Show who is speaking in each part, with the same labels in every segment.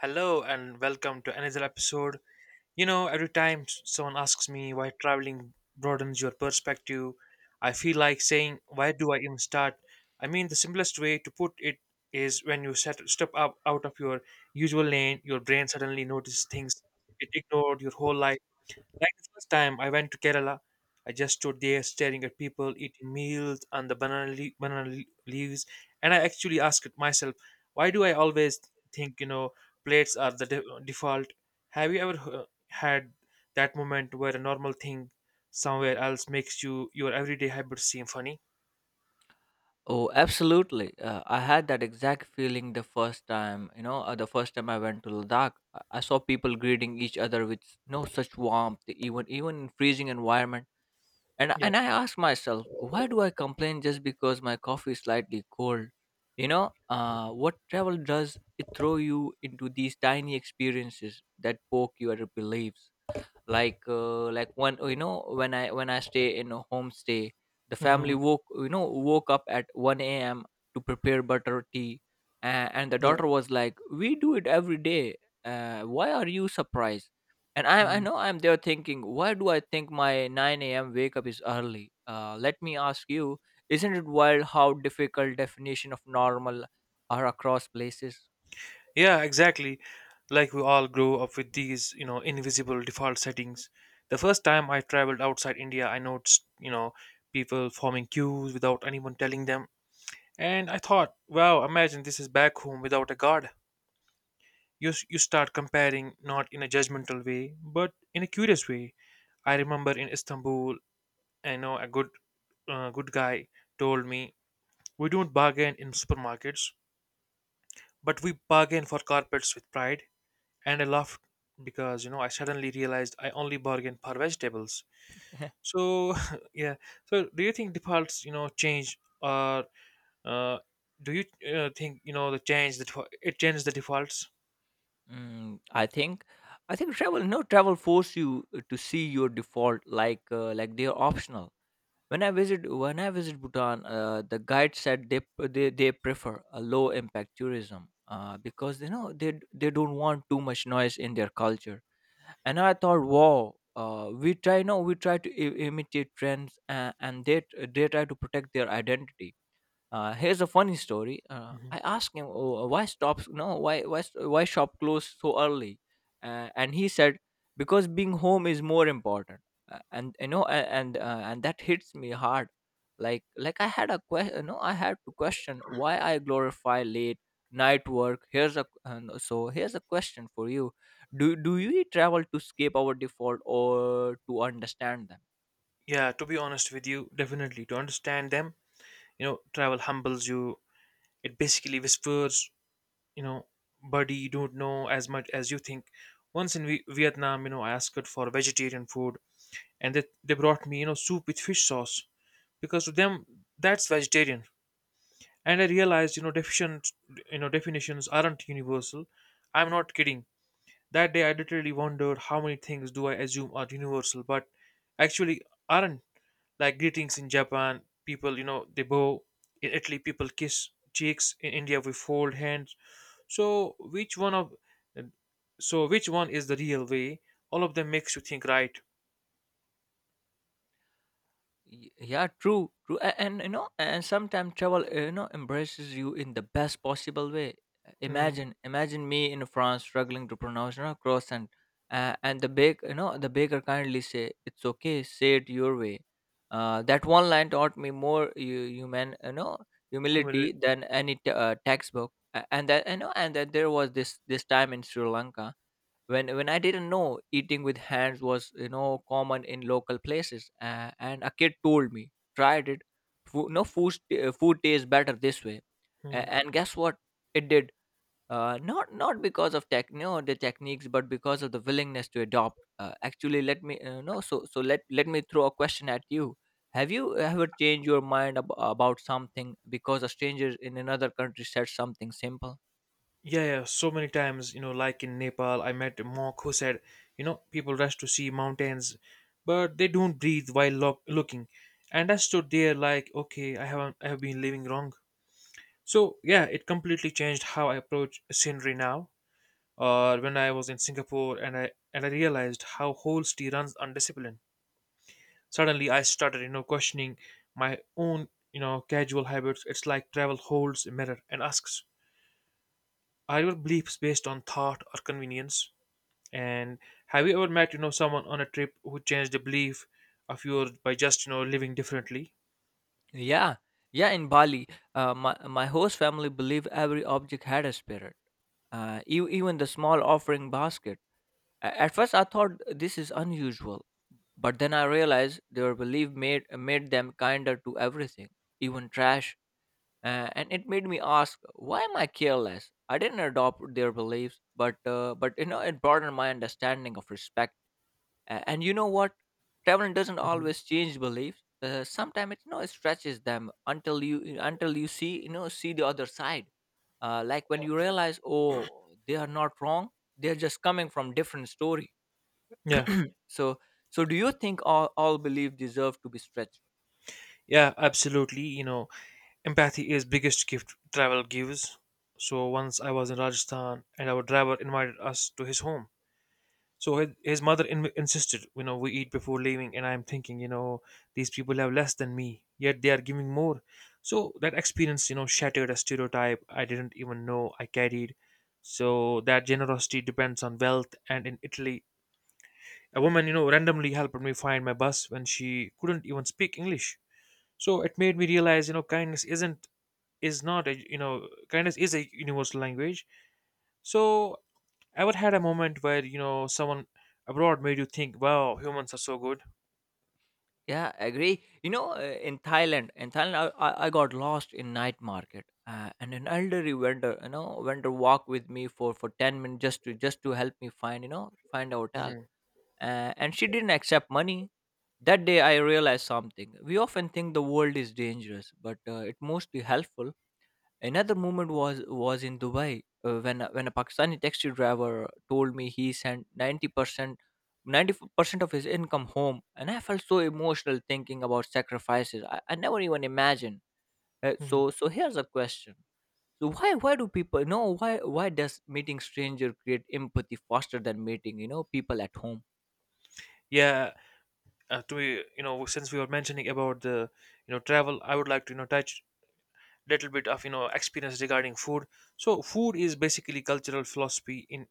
Speaker 1: Hello and welcome to another episode. Every time someone asks me why traveling broadens your perspective, I feel like saying, why do I even start? The simplest way to put it is when you step up out of your usual lane, your brain suddenly notices things it ignored your whole life. Like the first time I went to Kerala, I just stood there staring at people eating meals and the leaves, and I actually asked myself, why do I always think plates are the default? Have you ever had that moment where a normal thing somewhere else makes your everyday habits seem funny?
Speaker 2: Oh, absolutely. I had that exact feeling the first time, the first time I went to Ladakh. I saw people greeting each other with such warmth, e, even even in freezing environment. And
Speaker 1: Yeah.
Speaker 2: and I asked myself, why do I complain just because my coffee is slightly cold? You know, what travel does it throw you into these tiny experiences that poke your beliefs? Like like one, when I stay in a homestay, the family
Speaker 1: Hmm.
Speaker 2: woke you know woke up at 1 a.m to prepare butter tea, and the
Speaker 1: Yeah.
Speaker 2: daughter was like, we do it every day, why are you surprised? And I'm there thinking, why do I think my 9 a.m wake up is early? Let me ask you, isn't it wild how difficult definition of normal are across places?
Speaker 1: Yeah, exactly. Like we all grow up with these, invisible default settings. The first time I traveled outside India, I noticed, people forming queues without anyone telling them. And I thought, wow, imagine this is back home without a guard. You start comparing not in a judgmental way, but in a curious way. I remember in Istanbul, I know a good guy told me, we don't bargain in supermarkets, but we bargain for carpets with pride. And I laughed because I suddenly realized I only bargain for vegetables. So yeah. So do you think defaults change, or uh, do you think the change that it changes the defaults?
Speaker 2: Mm, I think travel. No Travel force you to see your default like they are optional. When I visit Bhutan, the guide said they prefer a low impact tourism, because you know they don't want too much noise in their culture. And I thought, wow, we try no we try to imitate trends, and they try to protect their identity. Here's a funny story.
Speaker 1: Mhm.
Speaker 2: I asked him, oh, why stops no why why st- why shop close so early? And he said, because being home is more important. And you know a- and that hits me hard. Like I had a question. I had to question why I glorify late night work. Here's a question for you. Do you travel to escape our default or to understand them?
Speaker 1: Yeah. To be honest with you, definitely to understand them. You know, travel humbles you. It basically whispers, you know, buddy, you don't know as much as you think. Once in Vietnam, you know, I asked for vegetarian food, and they brought me, you know, soup with fish sauce because to them that's vegetarian. And I realized, you know deficient you know definitions aren't universal. I'm not kidding, that day I literally wondered how many things do I assume are universal but actually aren't. Like greetings in Japan, people, they bow. In Italy, people kiss cheeks. In India, we fold hands. So which one is the real way? All of them makes you think, right?
Speaker 2: Yeah, true. You know, and sometimes travel, embraces you in the best possible way.
Speaker 1: Hmm.
Speaker 2: Imagine me in France struggling to pronounce, you know, croissant, and the baker kindly say, it's okay, say it your way. That one line taught me more hu- human you know humility
Speaker 1: Humility.
Speaker 2: than any textbook. And that there was this time in Sri Lanka when I didn't know eating with hands was, you know, common in local places, and a kid told me, tried it, food, no food st- food tastes better this way.
Speaker 1: Hmm.
Speaker 2: And guess what, it did, not not because of tech no the techniques but because of the willingness to adopt. Uh, actually let me no so so let Let me throw a question at you. Have you ever changed your mind about something because a stranger in another country said something simple?
Speaker 1: Yeah, yeah, so many times, you know, like in Nepal, I met a monk who said, you know, people rush to see mountains, but they don't breathe while looking. And I stood there like, okay, I haven't, I have been living wrong. So yeah, it completely changed how I approach scenery now. Or when I was in Singapore, and I realized how whole city runs on discipline. Suddenly, I started, you know, questioning my own, you know, casual habits. It's like travel holds a mirror and asks, are your beliefs based on thought or convenience? And have you ever met, you know, someone on a trip who changed a belief of yours by just, you know, living differently?
Speaker 2: Yeah, yeah, In Bali, my host family believe every object had a spirit, even the small offering basket. At first, I thought this is unusual, but then I realized their belief made them kinder to everything, even trash. And it made me ask, why am I careless? I didn't adopt their beliefs, but you know, it broadened my understanding of respect. And you know what? Traveling doesn't
Speaker 1: Mhm.
Speaker 2: always change beliefs. Sometimes it stretches them until you see you know see the other side. Like when you realize, oh, they are not wrong. They're just coming from different story.
Speaker 1: Yeah,
Speaker 2: So so do you think all belief deserve to be stretched?
Speaker 1: yeah, absolutely. You know, empathy is biggest gift travel gives. So once I was in Rajasthan and our driver invited us to his home. So his mother insisted, you know, we eat before leaving. And I'm thinking, you know, these people have less than me, yet they are giving more. So that experience, you know, shattered a stereotype I didn't even know I carried. So that generosity depends on wealth. And in Italy, a woman, you know, randomly helped me find my bus when she couldn't even speak English. So it made me realize, you know, kindness isn't is not a you know kindness is a universal language. So ever had a moment where someone abroad made you think, "Wow, humans are so good."
Speaker 2: Yeah, I agree. You know, in Thailand, I got lost in night market, and an elderly vendor walked with me for 10 minutes just to help me find, you know, find a hotel.
Speaker 1: Hmm.
Speaker 2: And she didn't accept money. That day, I realized something. We often think the world is dangerous, but it mostly helpful. Another moment was in Dubai when a Pakistani taxi driver told me he sent 90 percent. 90% of his income home, and I felt so emotional thinking about sacrifices I never even imagined.
Speaker 1: Hmm.
Speaker 2: Here's a question. So why why do people know why why does meeting stranger create empathy faster than meeting, you know, people at home?
Speaker 1: Yeah, to be you know since we were mentioning about the, travel, I would like to, touch little bit of, experience regarding food. So food is basically cultural philosophy in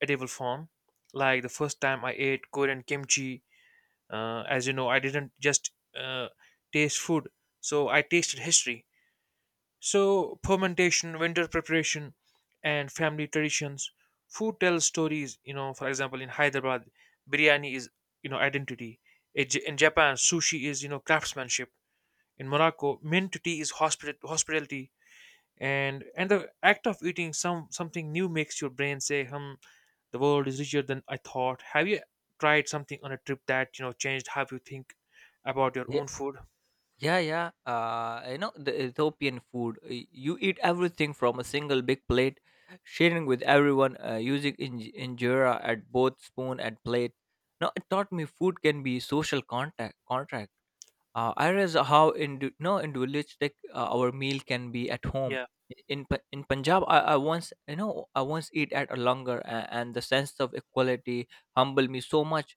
Speaker 1: edible form. Like the first time I ate Korean kimchi, as you know, I didn't just taste food, so I tasted history. So, fermentation, winter preparation, and family traditions. Food tells stories. You know, for example, in Hyderabad, biryani is identity. In Japan, sushi is craftsmanship. In Morocco, mint tea is hospitality. And the act of eating something new makes your brain say, "Hmm, the world is richer than I thought." Have you tried something on a trip that changed how you think about your own food?
Speaker 2: Yeah. You know, the Ethiopian food. Uh, you eat everything from a single big plate, sharing with everyone, injera at both spoon and plate. Now, it taught me food can be social contract. I realize how indu- no individualistic our meal can be at home.
Speaker 1: Yeah.
Speaker 2: In Punjab, I once eat at a longer, and the sense of equality humbled me so much.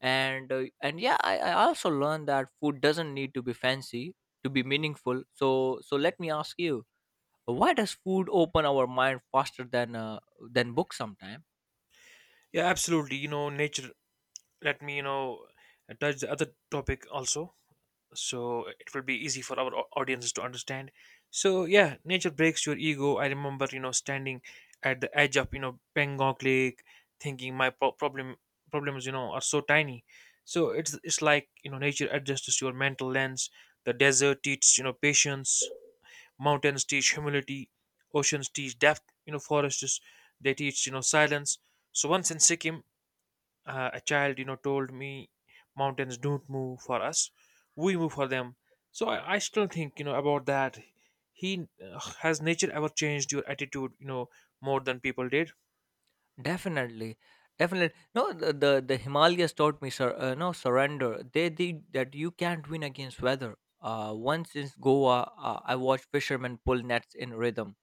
Speaker 2: And yeah, I also learned that food doesn't need to be fancy to be meaningful. So so let me ask you, why does food open our mind faster than books sometimes?
Speaker 1: Yeah, absolutely. You know, nature, let me, touch the other topic also, so it will be easy for our audiences to understand. So yeah, nature breaks your ego. I remember, you know, standing at the edge of, you know, Pangong Lake thinking my problems, you know, are so tiny. So it's like, you know, nature adjusts your mental lens. The desert teaches, you know, patience. Mountains teach humility. Oceans teach depth. You know, forests, they teach, you know, silence. So once in Sikkim, a child, you know, told me, mountains don't move for us, we move for them. So I still think, you know, about that. He Has nature ever changed your attitude, you know, more than people did?
Speaker 2: Definitely, definitely. No, The Himalayas taught me, sur- no surrender. They did that. You can't win against weather. Once in Goa, I watched fishermen pull nets in rhythm,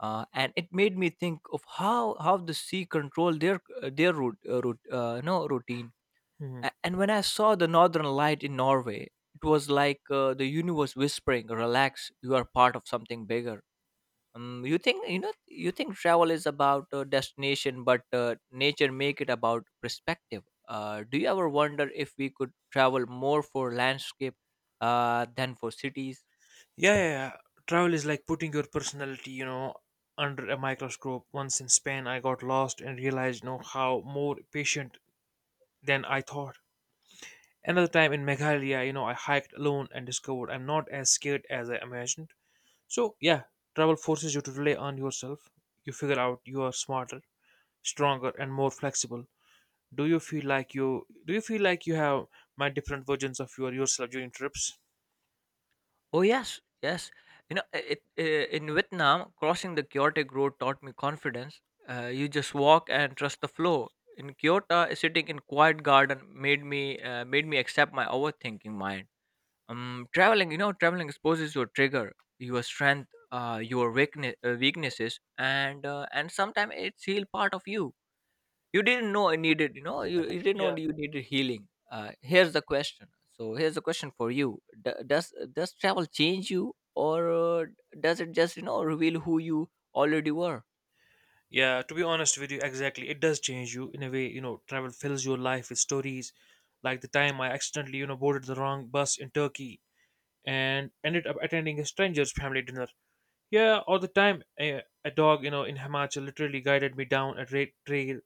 Speaker 2: and it made me think of how the sea control their route, route no routine.
Speaker 1: Mhm.
Speaker 2: And when I saw the northern light in Norway, it was like the universe whispering, "Relax, you are part of something bigger." You think travel is about destination, but nature make it about perspective. Do you ever wonder if we could travel more for landscape than for cities?
Speaker 1: Yeah, travel is like putting your personality, you know, under a microscope. Once in Spain, I got lost and realized, you know, how more patient than I thought. Another time in Meghalaya, you know, I hiked alone and discovered I'm not as scared as I imagined. So, yeah, travel forces you to rely on yourself. You figure out you are smarter, stronger, and more flexible. Do you feel like you do you feel like you have my different versions of yourself during trips?
Speaker 2: Oh, yes, yes. In Vietnam, crossing the chaotic road taught me confidence. You just walk and trust the flow. In Kyoto, sitting in quiet garden, made me accept my overthinking mind. Traveling exposes your trigger, your strength, weaknesses, and and sometimes it's heal part of you you didn't know I needed you know you, you didn't know
Speaker 1: Yeah.
Speaker 2: you needed healing. Here's the question So here's the question for you. Does travel change you, or does it just, you know, reveal who you already were?
Speaker 1: Yeah, to be honest with you, exactly. It does change you in a way. You know, travel fills your life with stories. Like the time I accidentally, you know, boarded the wrong bus in Turkey and ended up attending a stranger's family dinner. Yeah, or the time a dog, you know, in Himachal literally guided me down a trail.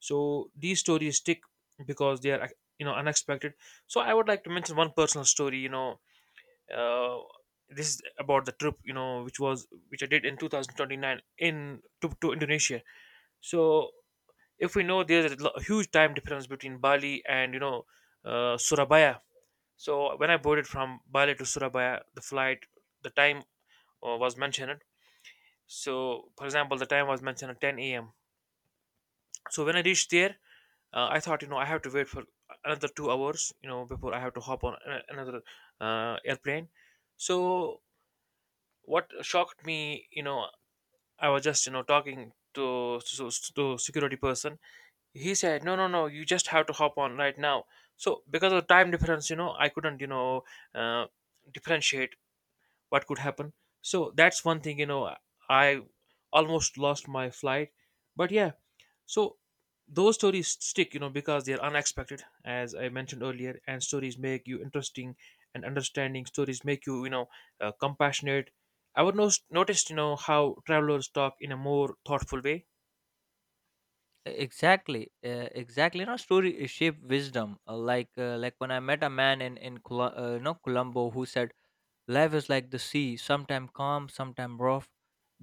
Speaker 1: So these stories stick because they are unexpected. So I would like to mention one personal story, you know. uh, this is about the trip, you know, which was which I did in 2029 in to Indonesia. So if we know, there's a huge time difference between Bali and, you know, Surabaya. So when I boarded from Bali to Surabaya, the flight, the time, was mentioned. So for example, the time was mentioned at 10 a.m. So when I reached there, I thought, you know, I have to wait for another 2 hours, you know, before I have to hop on another airplane. So what shocked me, you know, I was just, you know, to security person. He said, no, no, no, you just have to hop on right now. So because of time difference, you know, I couldn't, you know, uh, differentiate what could happen. So that's one thing, you know, I almost lost my flight. But yeah, so those stories stick, you know, because they're unexpected as I mentioned earlier. And stories make you interesting, and understanding stories make you, you know, compassionate. I would noticed, you know, how travelers talk in a more thoughtful way.
Speaker 2: E, exactly Exactly, you know, story shape wisdom, like when I met a man in Colombo who said, life is like the sea, sometime calm, sometime rough,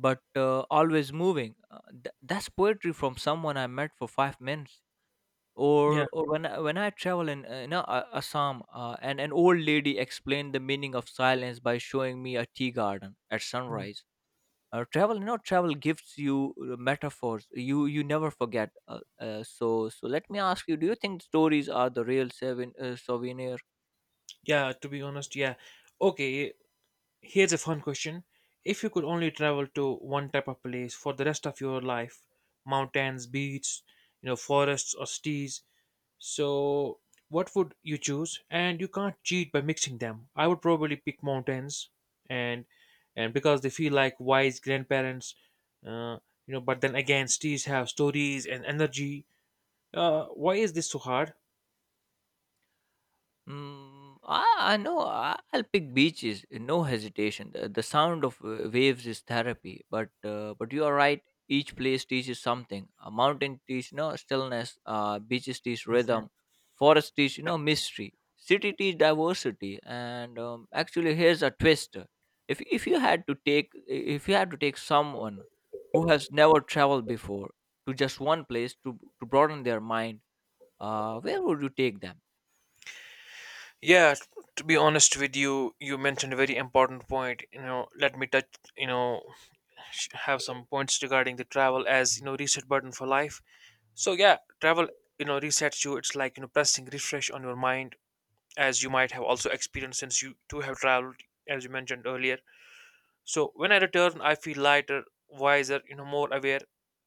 Speaker 2: but always moving. That's poetry from someone I met for 5 minutes.
Speaker 1: Yeah.
Speaker 2: Or when I travel in, Assam, and an old lady explained the meaning of silence by showing me a tea garden at
Speaker 1: Mm.
Speaker 2: sunrise. Travel gives you metaphors you never forget. Let me ask you, do you think stories are the real souvenir?
Speaker 1: Yeah, to be honest, yeah. Okay, here's a fun question. If you could only travel to one type of place for the rest of your life, mountains, beach, you know, forests or cities, so what would you choose? And you can't cheat by mixing them. I would probably pick mountains, and and because they feel like wise grandparents, uh, you know, but then again, cities have stories and energy. Why is this so hard?
Speaker 2: I know. I'll pick beaches. No hesitation. The sound of waves is therapy. But you are right. Each place teaches something. A mountain teaches no stillness. Beaches teach
Speaker 1: Mhm.
Speaker 2: rhythm. Forest teach, you know, mystery. City teach diversity. And actually, here's a twist. If you had to take if you had to take someone who has never traveled before to just one place to broaden their mind, where would you take them?
Speaker 1: Yeah, to be honest with you, you mentioned a very important point. You know, let me touch, you know, have some points regarding the travel as, you know, reset button for life. So yeah, travel, you know, resets you. It's like, you know, pressing refresh on your mind, as you might have also experienced since you too have traveled, as you mentioned earlier. So when I return, I feel lighter, wiser, you know, more aware.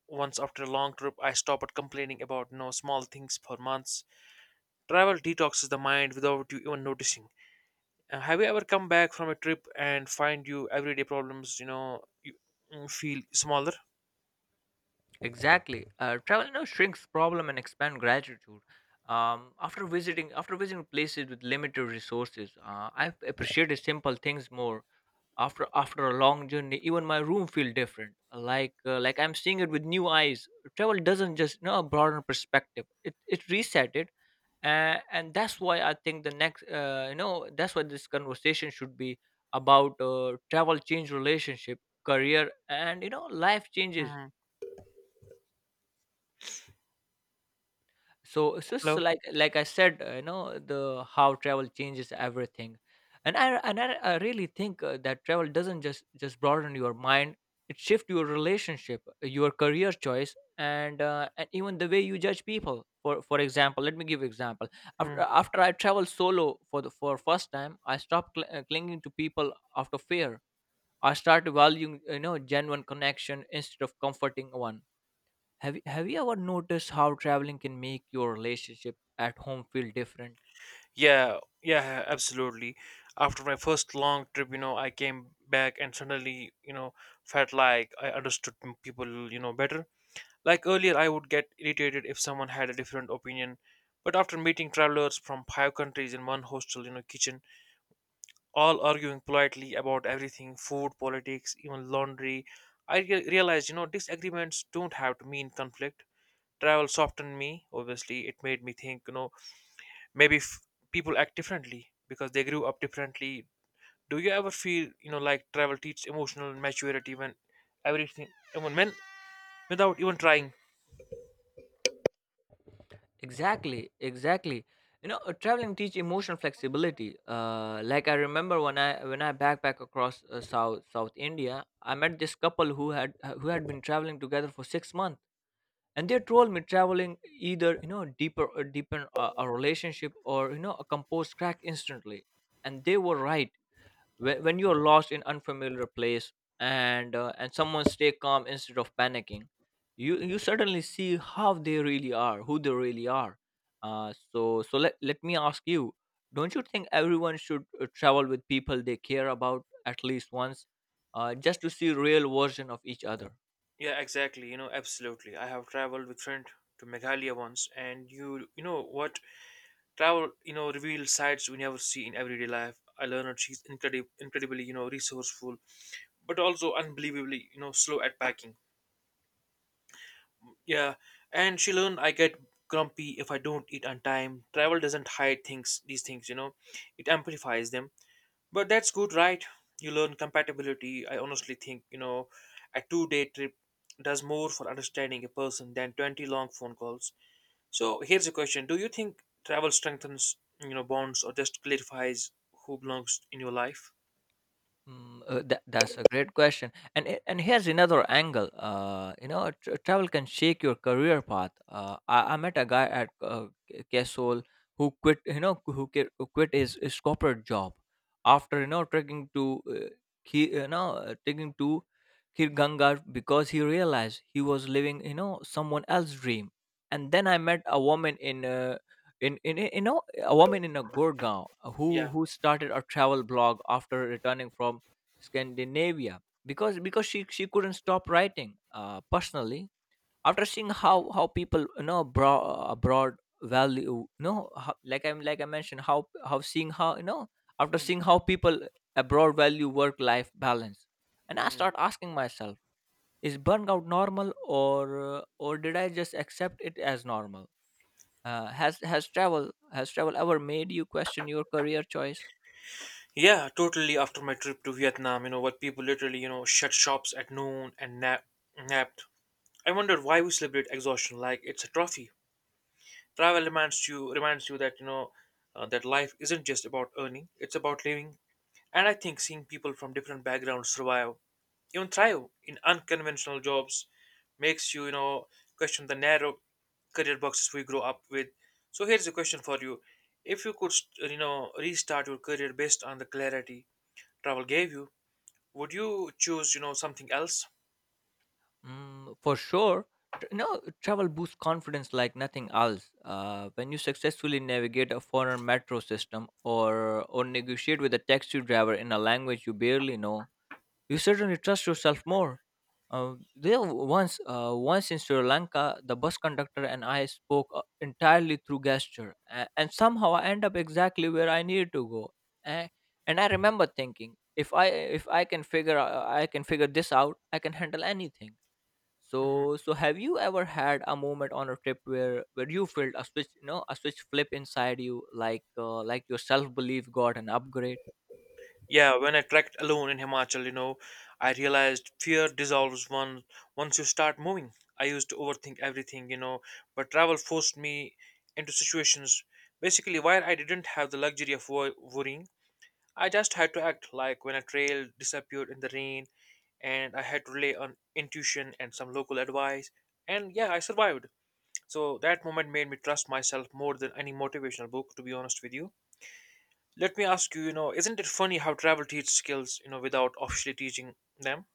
Speaker 1: Once after a long trip, I stop at complaining about no small things for months. Travel detoxes the mind without you even noticing. Have you ever come back from a trip and find you everyday problems, you know, you feel smaller?
Speaker 2: Exactly. Travel shrinks problem and expand gratitude. After visiting places with limited resources, I appreciated simple things more. After a long journey, even my room feel different. Like I'm seeing it with new eyes. Travel doesn't just, you know, broaden perspective. It reset it, and that's why I think the next you know that's why this conversation should be about travel change relationship, career, and, you know, life changes.
Speaker 1: Mhm.
Speaker 2: So it's just
Speaker 1: Hello.
Speaker 2: like I said, you know the how travel changes everything. I really think that travel doesn't just broaden your mind. It shifts your relationship, your career choice, and and even the way you judge people. For example, let me give example.
Speaker 1: Hmm.
Speaker 2: After I traveled solo for the for first time, I stopped clinging to people out of fear. I started valuing, you know, genuine connection instead of comforting one. Have you ever noticed how traveling can make your relationship at home feel different?
Speaker 1: Yeah, yeah, absolutely. After my first long trip, you know, I came back and suddenly, you know, felt like I understood people, you know, better. Like earlier, I would get irritated if someone had a different opinion. But after meeting travelers from 5 countries in one hostel, kitchen, all arguing politely about everything food, politics, even laundry, realized, disagreements don't have to mean conflict. Travel softened me, obviously. It made me think, maybe f- people act differently because they grew up differently. Do you ever feel, like travel teaches emotional maturity when everything when without even trying?
Speaker 2: Exactly. You know, traveling teach emotional flexibility. Like I remember when I backpack across South India, I met this couple who had been traveling together for 6 months, and they told me traveling either you know deeper deepen a relationship or you know a composed crack instantly, and they were right. When you're lost in unfamiliar place, and someone stay calm instead of panicking, you suddenly see how they really are, who they really are. So let me ask you, don't you think everyone should travel with people they care about at least once, just to see real version of each other?
Speaker 1: Yeah, exactly, absolutely. I have traveled with friend to Meghalaya once, and you know what, travel, reveals sides we never see in everyday life. I learned she's incredibly, resourceful, but also unbelievably, slow at packing. Yeah, and she learned I get grumpy if I don't eat on time. Travel doesn't these things, it amplifies them. But that's good, right? You learn compatibility. I honestly think, a 2-day trip does more for understanding a person than 20 long phone calls. So here's a question. Do you think travel strengthens, bonds, or just clarifies who belongs in your life?
Speaker 2: That's a great question, and and here's another angle. You know, tr Travel can shake your career path. I met a guy at Kesol who quit. Who quit his corporate job after you know trekking to uh, taking to Kirganga because he realized he was living you know someone else's dream. And then I met a woman in you know a woman in a Gurgaon uh, who
Speaker 1: Yeah.
Speaker 2: who started a travel blog after returning from Scandinavia because she couldn't stop writing personally after seeing how people you know abroad, abroad value you know how, like I'm like I mentioned how seeing how you know after seeing how people abroad value work life balance, and I
Speaker 1: Mhm.
Speaker 2: start asking myself, is burnout normal or did I just accept it as normal? Has travel ever made you question your career choice?
Speaker 1: Yeah, totally. After my trip to Vietnam, you know what, people literally, shut shops at noon and napped. I wondered why we celebrate exhaustion like it's a trophy. Travel reminds you that, that life isn't just about earning; it's about living. And I think seeing people from different backgrounds survive, even thrive in unconventional jobs, makes you, you know question the narrow career boxes we grow up with. So here's a question for you: if you could restart your career based on the clarity travel gave you, would you choose, something else?
Speaker 2: For sure. Tr- No, Travel boosts confidence like nothing else. When you successfully navigate a foreign metro system or negotiate with a taxi driver in a language you barely know, you certainly trust yourself more. Once in Sri Lanka, the bus conductor and I spoke entirely through gesture, and somehow I end up exactly where I needed to go. A- And I remember thinking, if I can figure I can figure this out, I can handle anything. So have you ever had a moment on a trip where you felt a switch, you know, a switch flip inside you, like your self belief got an upgrade?
Speaker 1: Yeah, when I trekked alone in Himachal, I realized fear dissolves one once you start moving. I used to overthink everything, but travel forced me into situations. Basically, while I didn't have the luxury of worrying, I just had to act, like when a trail disappeared in the rain, and I had to rely on intuition and some local advice. And yeah, I survived. So that moment made me trust myself more than any motivational book, to be honest with you. Let me ask you, isn't it funny how travel teaches skills, without officially teaching them?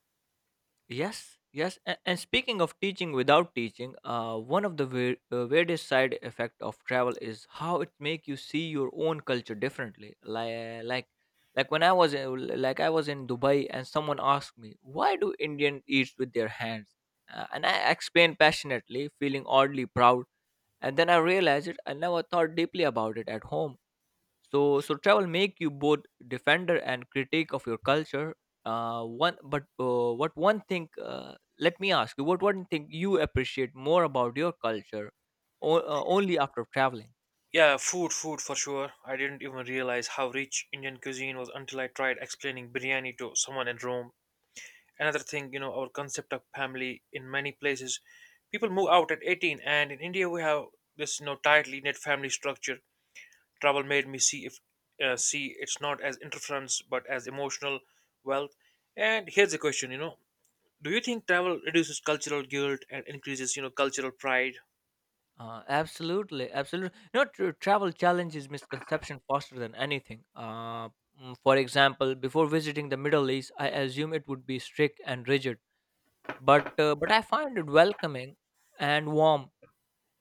Speaker 2: Yes, yes. And speaking of teaching without teaching, one of the weirdest side effect of travel is how it make you see your own culture differently. Like when I was in Dubai, and someone asked me, "Why do Indian eat with their hands?" And I explained passionately, feeling oddly proud. And then I realized it. I never thought deeply about it at home, so travel make you both defender and critic of your culture. One but what one thing Let me ask you, what one thing you appreciate more about your culture only after traveling?
Speaker 1: Yeah, food for sure. I didn't even realize how rich Indian cuisine was until I tried explaining biryani to someone in Rome. Another thing, our concept of family. In many places, people move out at 18, and in India we have this, tightly knit family structure. Travel made me see it's not as interference but as emotional wealth. And here's the question, do you think travel reduces cultural guilt and increases, cultural pride?
Speaker 2: Absolutely, you know tr travel challenges misconception faster than anything. For example, before visiting the middle east I assume it would be strict and rigid, but I find it welcoming and warm.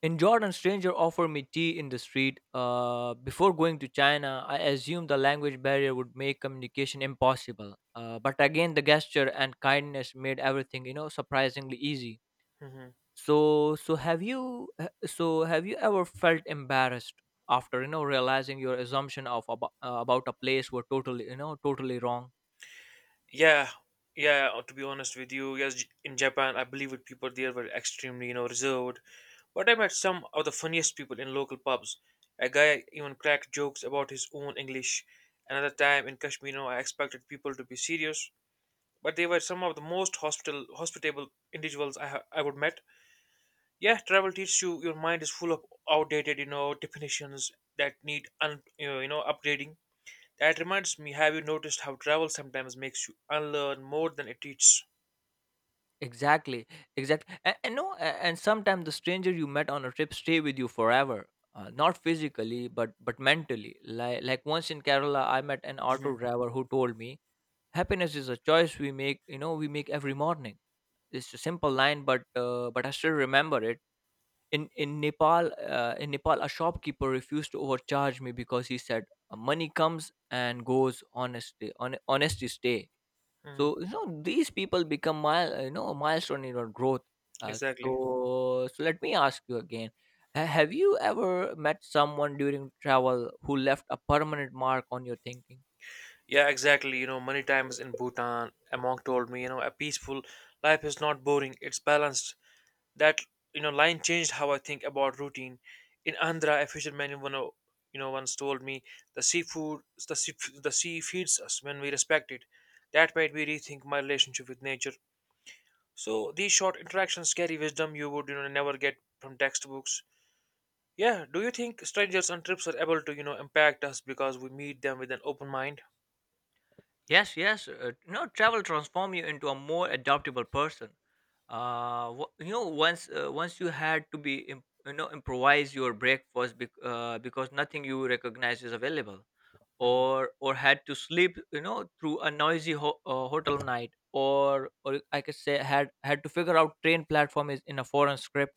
Speaker 2: In Jordan, stranger offered me tea in the street. Before going to China, I assumed the language barrier would make communication impossible. But again, the gesture and kindness made everything, you know, surprisingly easy.
Speaker 1: Hmm.
Speaker 2: So, have you ever felt embarrassed after you know realizing your assumption about a place were totally, you know, totally wrong?
Speaker 1: Yeah, yeah. To be honest with you, yes, in Japan, I believe it. People there were extremely, reserved. But I met some of the funniest people in local pubs. A guy even cracked jokes about his own English. Another time in Kashmir, I expected people to be serious, but they were some of the most hospitable individuals I would met. Yeah, travel teaches you your mind is full of outdated, definitions that need, un, you know, upgrading. That reminds me, have you noticed how travel sometimes makes you unlearn more than it teaches?
Speaker 2: Exactly, exactly. And no, a- and sometimes the stranger you met on a trip stay with you forever. Not physically, but mentally. Like once in Kerala, I met an
Speaker 1: Hmm.
Speaker 2: auto driver who told me, "Happiness is a choice we make. You know, we make every morning." It's a simple line, but I still remember it. In Nepal, a shopkeeper refused to overcharge me because he said, "Money comes and goes. Honesty stay."
Speaker 1: Mm,
Speaker 2: So you know these people become mile you know a milestone in your growth. Uh,
Speaker 1: exactly.
Speaker 2: so so let me ask you again: Have you ever met someone during travel who left a permanent mark on your thinking?
Speaker 1: Yeah, exactly. You know, many times in Bhutan, a monk told me, a peaceful life is not boring, it's balanced. That, line changed how I think about routine. In Andhra, a fisherman, once told me, the seafood, the sea, the sea feeds us when we respect it. That made me rethink my relationship with nature. So these short interactions carry wisdom you would, never get from textbooks. Yeah, do you think strangers on trips are able to, impact us because we meet them with an open mind?
Speaker 2: Yes, yes. You know, travel transform you into a more adaptable person. Once you had to be imp- you know improvise your breakfast because nothing you recognize is available,
Speaker 1: Mhm.
Speaker 2: or had to sleep you know through a hotel night, or I could say had to figure out train platform is in a foreign script.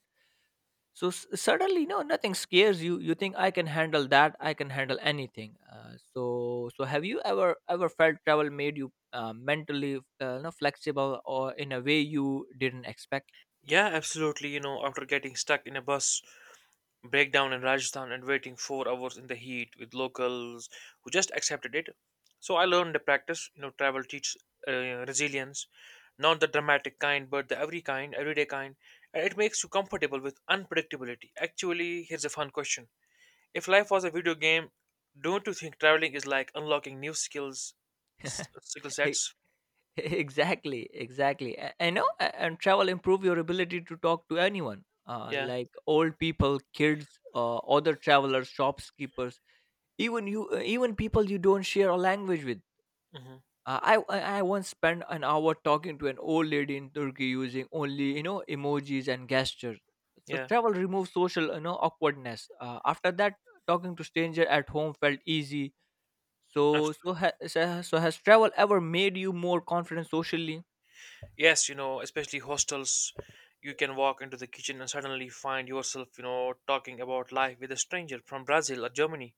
Speaker 2: So suddenly you know nothing scares you. You think I can handle that, I can handle anything. So have you ever ever felt travel made you mentally, you know, flexible or in a way you didn't expect?
Speaker 1: Yeah, absolutely. You know, after getting stuck in a bus breakdown in Rajasthan and waiting 4 hours in the heat with locals who just accepted it, so I learned the practice. You know, travel teaches, resilience, not the dramatic kind, but the everyday kind, and it makes you comfortable with unpredictability. Actually, here's a fun question: if life was a video game, don't you think traveling is like unlocking new skills, skill sets?
Speaker 2: Exactly, exactly. I know, and travel improve your ability to talk to anyone,
Speaker 1: Yeah.
Speaker 2: like old people, kids, other travelers, shopkeepers, even you, even people you don't share a language with.
Speaker 1: Hmm.
Speaker 2: I once spent an hour talking to an old lady in turkey using only you know emojis and gestures. So
Speaker 1: Yeah.
Speaker 2: travel removes social you know awkwardness. After that, talking to stranger at home felt easy. so,
Speaker 1: Abs-
Speaker 2: so, ha- so has so has travel ever made you more confident socially?
Speaker 1: Yes, you know, especially hostels, you can walk into the kitchen and suddenly find yourself, talking about life with a stranger from Brazil or Germany.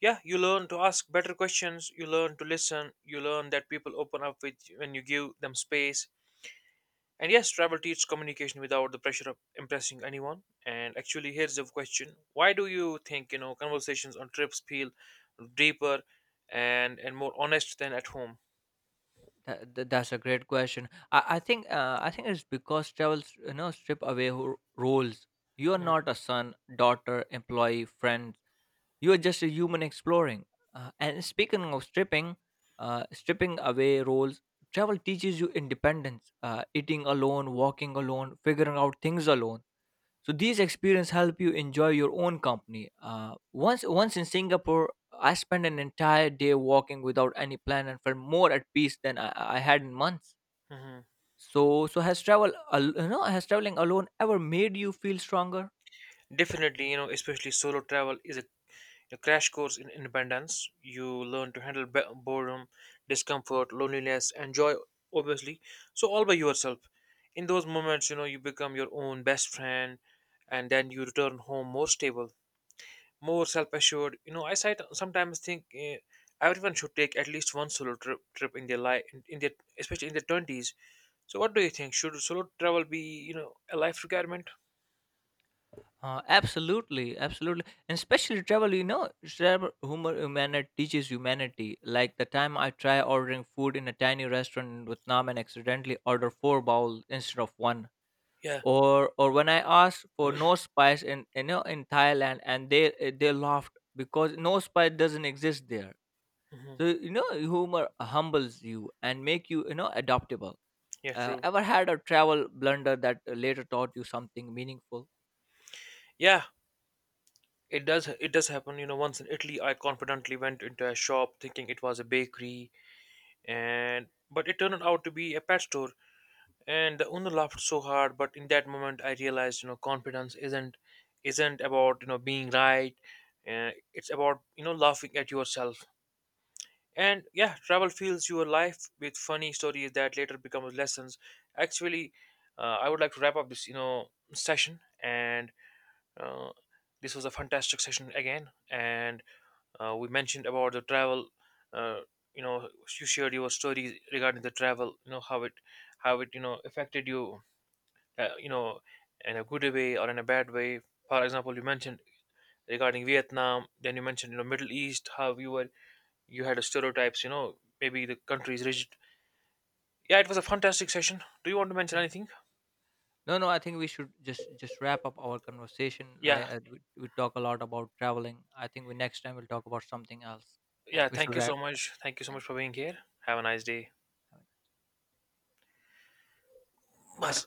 Speaker 1: Yeah, you learn to ask better questions, you learn to listen, you learn that people open up with when you give them space. And yes, travel teaches communication without the pressure of impressing anyone. And actually, here's the question: why do you think, conversations on trips feel deeper and more honest than at home?
Speaker 2: That's a great question. I think I think it's because travels you know strip away roles. You are not a son, daughter, employee, friend, you're just a human exploring. And speaking of stripping, stripping away roles, travel teaches you independence, eating alone, walking alone, figuring out things alone. So these experiences help you enjoy your own company. Once in Singapore, I spent an entire day walking without any plan and felt more at peace than I had in months.
Speaker 1: Mm-hmm.
Speaker 2: So, has traveling alone ever made you feel stronger?
Speaker 1: Definitely, especially solo travel is a crash course in independence. You learn to handle boredom, discomfort, loneliness, and joy, obviously. So all by yourself. In those moments, you become your own best friend, and then you return home more stable, more self-assured. You know, I sometimes think, everyone should take at least one solo trip in their life, in their especially in their twenties. So, what do you think? Should solo travel be, a life requirement?
Speaker 2: Absolutely, absolutely, and especially travel. You know, travel humor humanity teaches humanity. Like the time I try ordering food in a tiny restaurant in Vietnam and accidentally order four bowls instead of one,
Speaker 1: Yeah.
Speaker 2: or when I asked for no spice in you know in Thailand and they they laughed because no spice doesn't exist there.
Speaker 1: Hmm.
Speaker 2: So you know, humor humbles you and make you you know adaptable.
Speaker 1: Yeah. True.
Speaker 2: Ever had a travel blunder that later taught you something meaningful?
Speaker 1: Yeah. It does happen. You know, once in Italy, I confidently went into a shop thinking it was a bakery, and but it turned out to be a pet store, and the owner laughed so hard. But in that moment I realized, confidence isn't about, being right, it's about, laughing at yourself. And yeah, travel fills your life with funny stories that later become lessons. Actually, I would like to wrap up this, session, and uh, this was a fantastic session again. And we mentioned about the travel, uh, you know you shared your stories regarding the travel, how it, affected you, uh, you know, in a good way or in a bad way. For example, you mentioned regarding Vietnam, then you mentioned, Middle East, how you were you had stereotypes, maybe the country is rigid. Yeah, it was a fantastic session. Do you want to mention anything?
Speaker 2: No, no. I think we should just wrap up our conversation.
Speaker 1: Yeah,
Speaker 2: We talk a lot about traveling. I think we next time we'll talk about something else. Yeah,
Speaker 1: yeah.
Speaker 2: we
Speaker 1: Thank
Speaker 2: should.
Speaker 1: you
Speaker 2: Right.
Speaker 1: so
Speaker 2: Wrap. Wrap.
Speaker 1: much. Thank you so much
Speaker 2: Thank
Speaker 1: for being here. Have a nice day.
Speaker 2: you.
Speaker 1: Bas.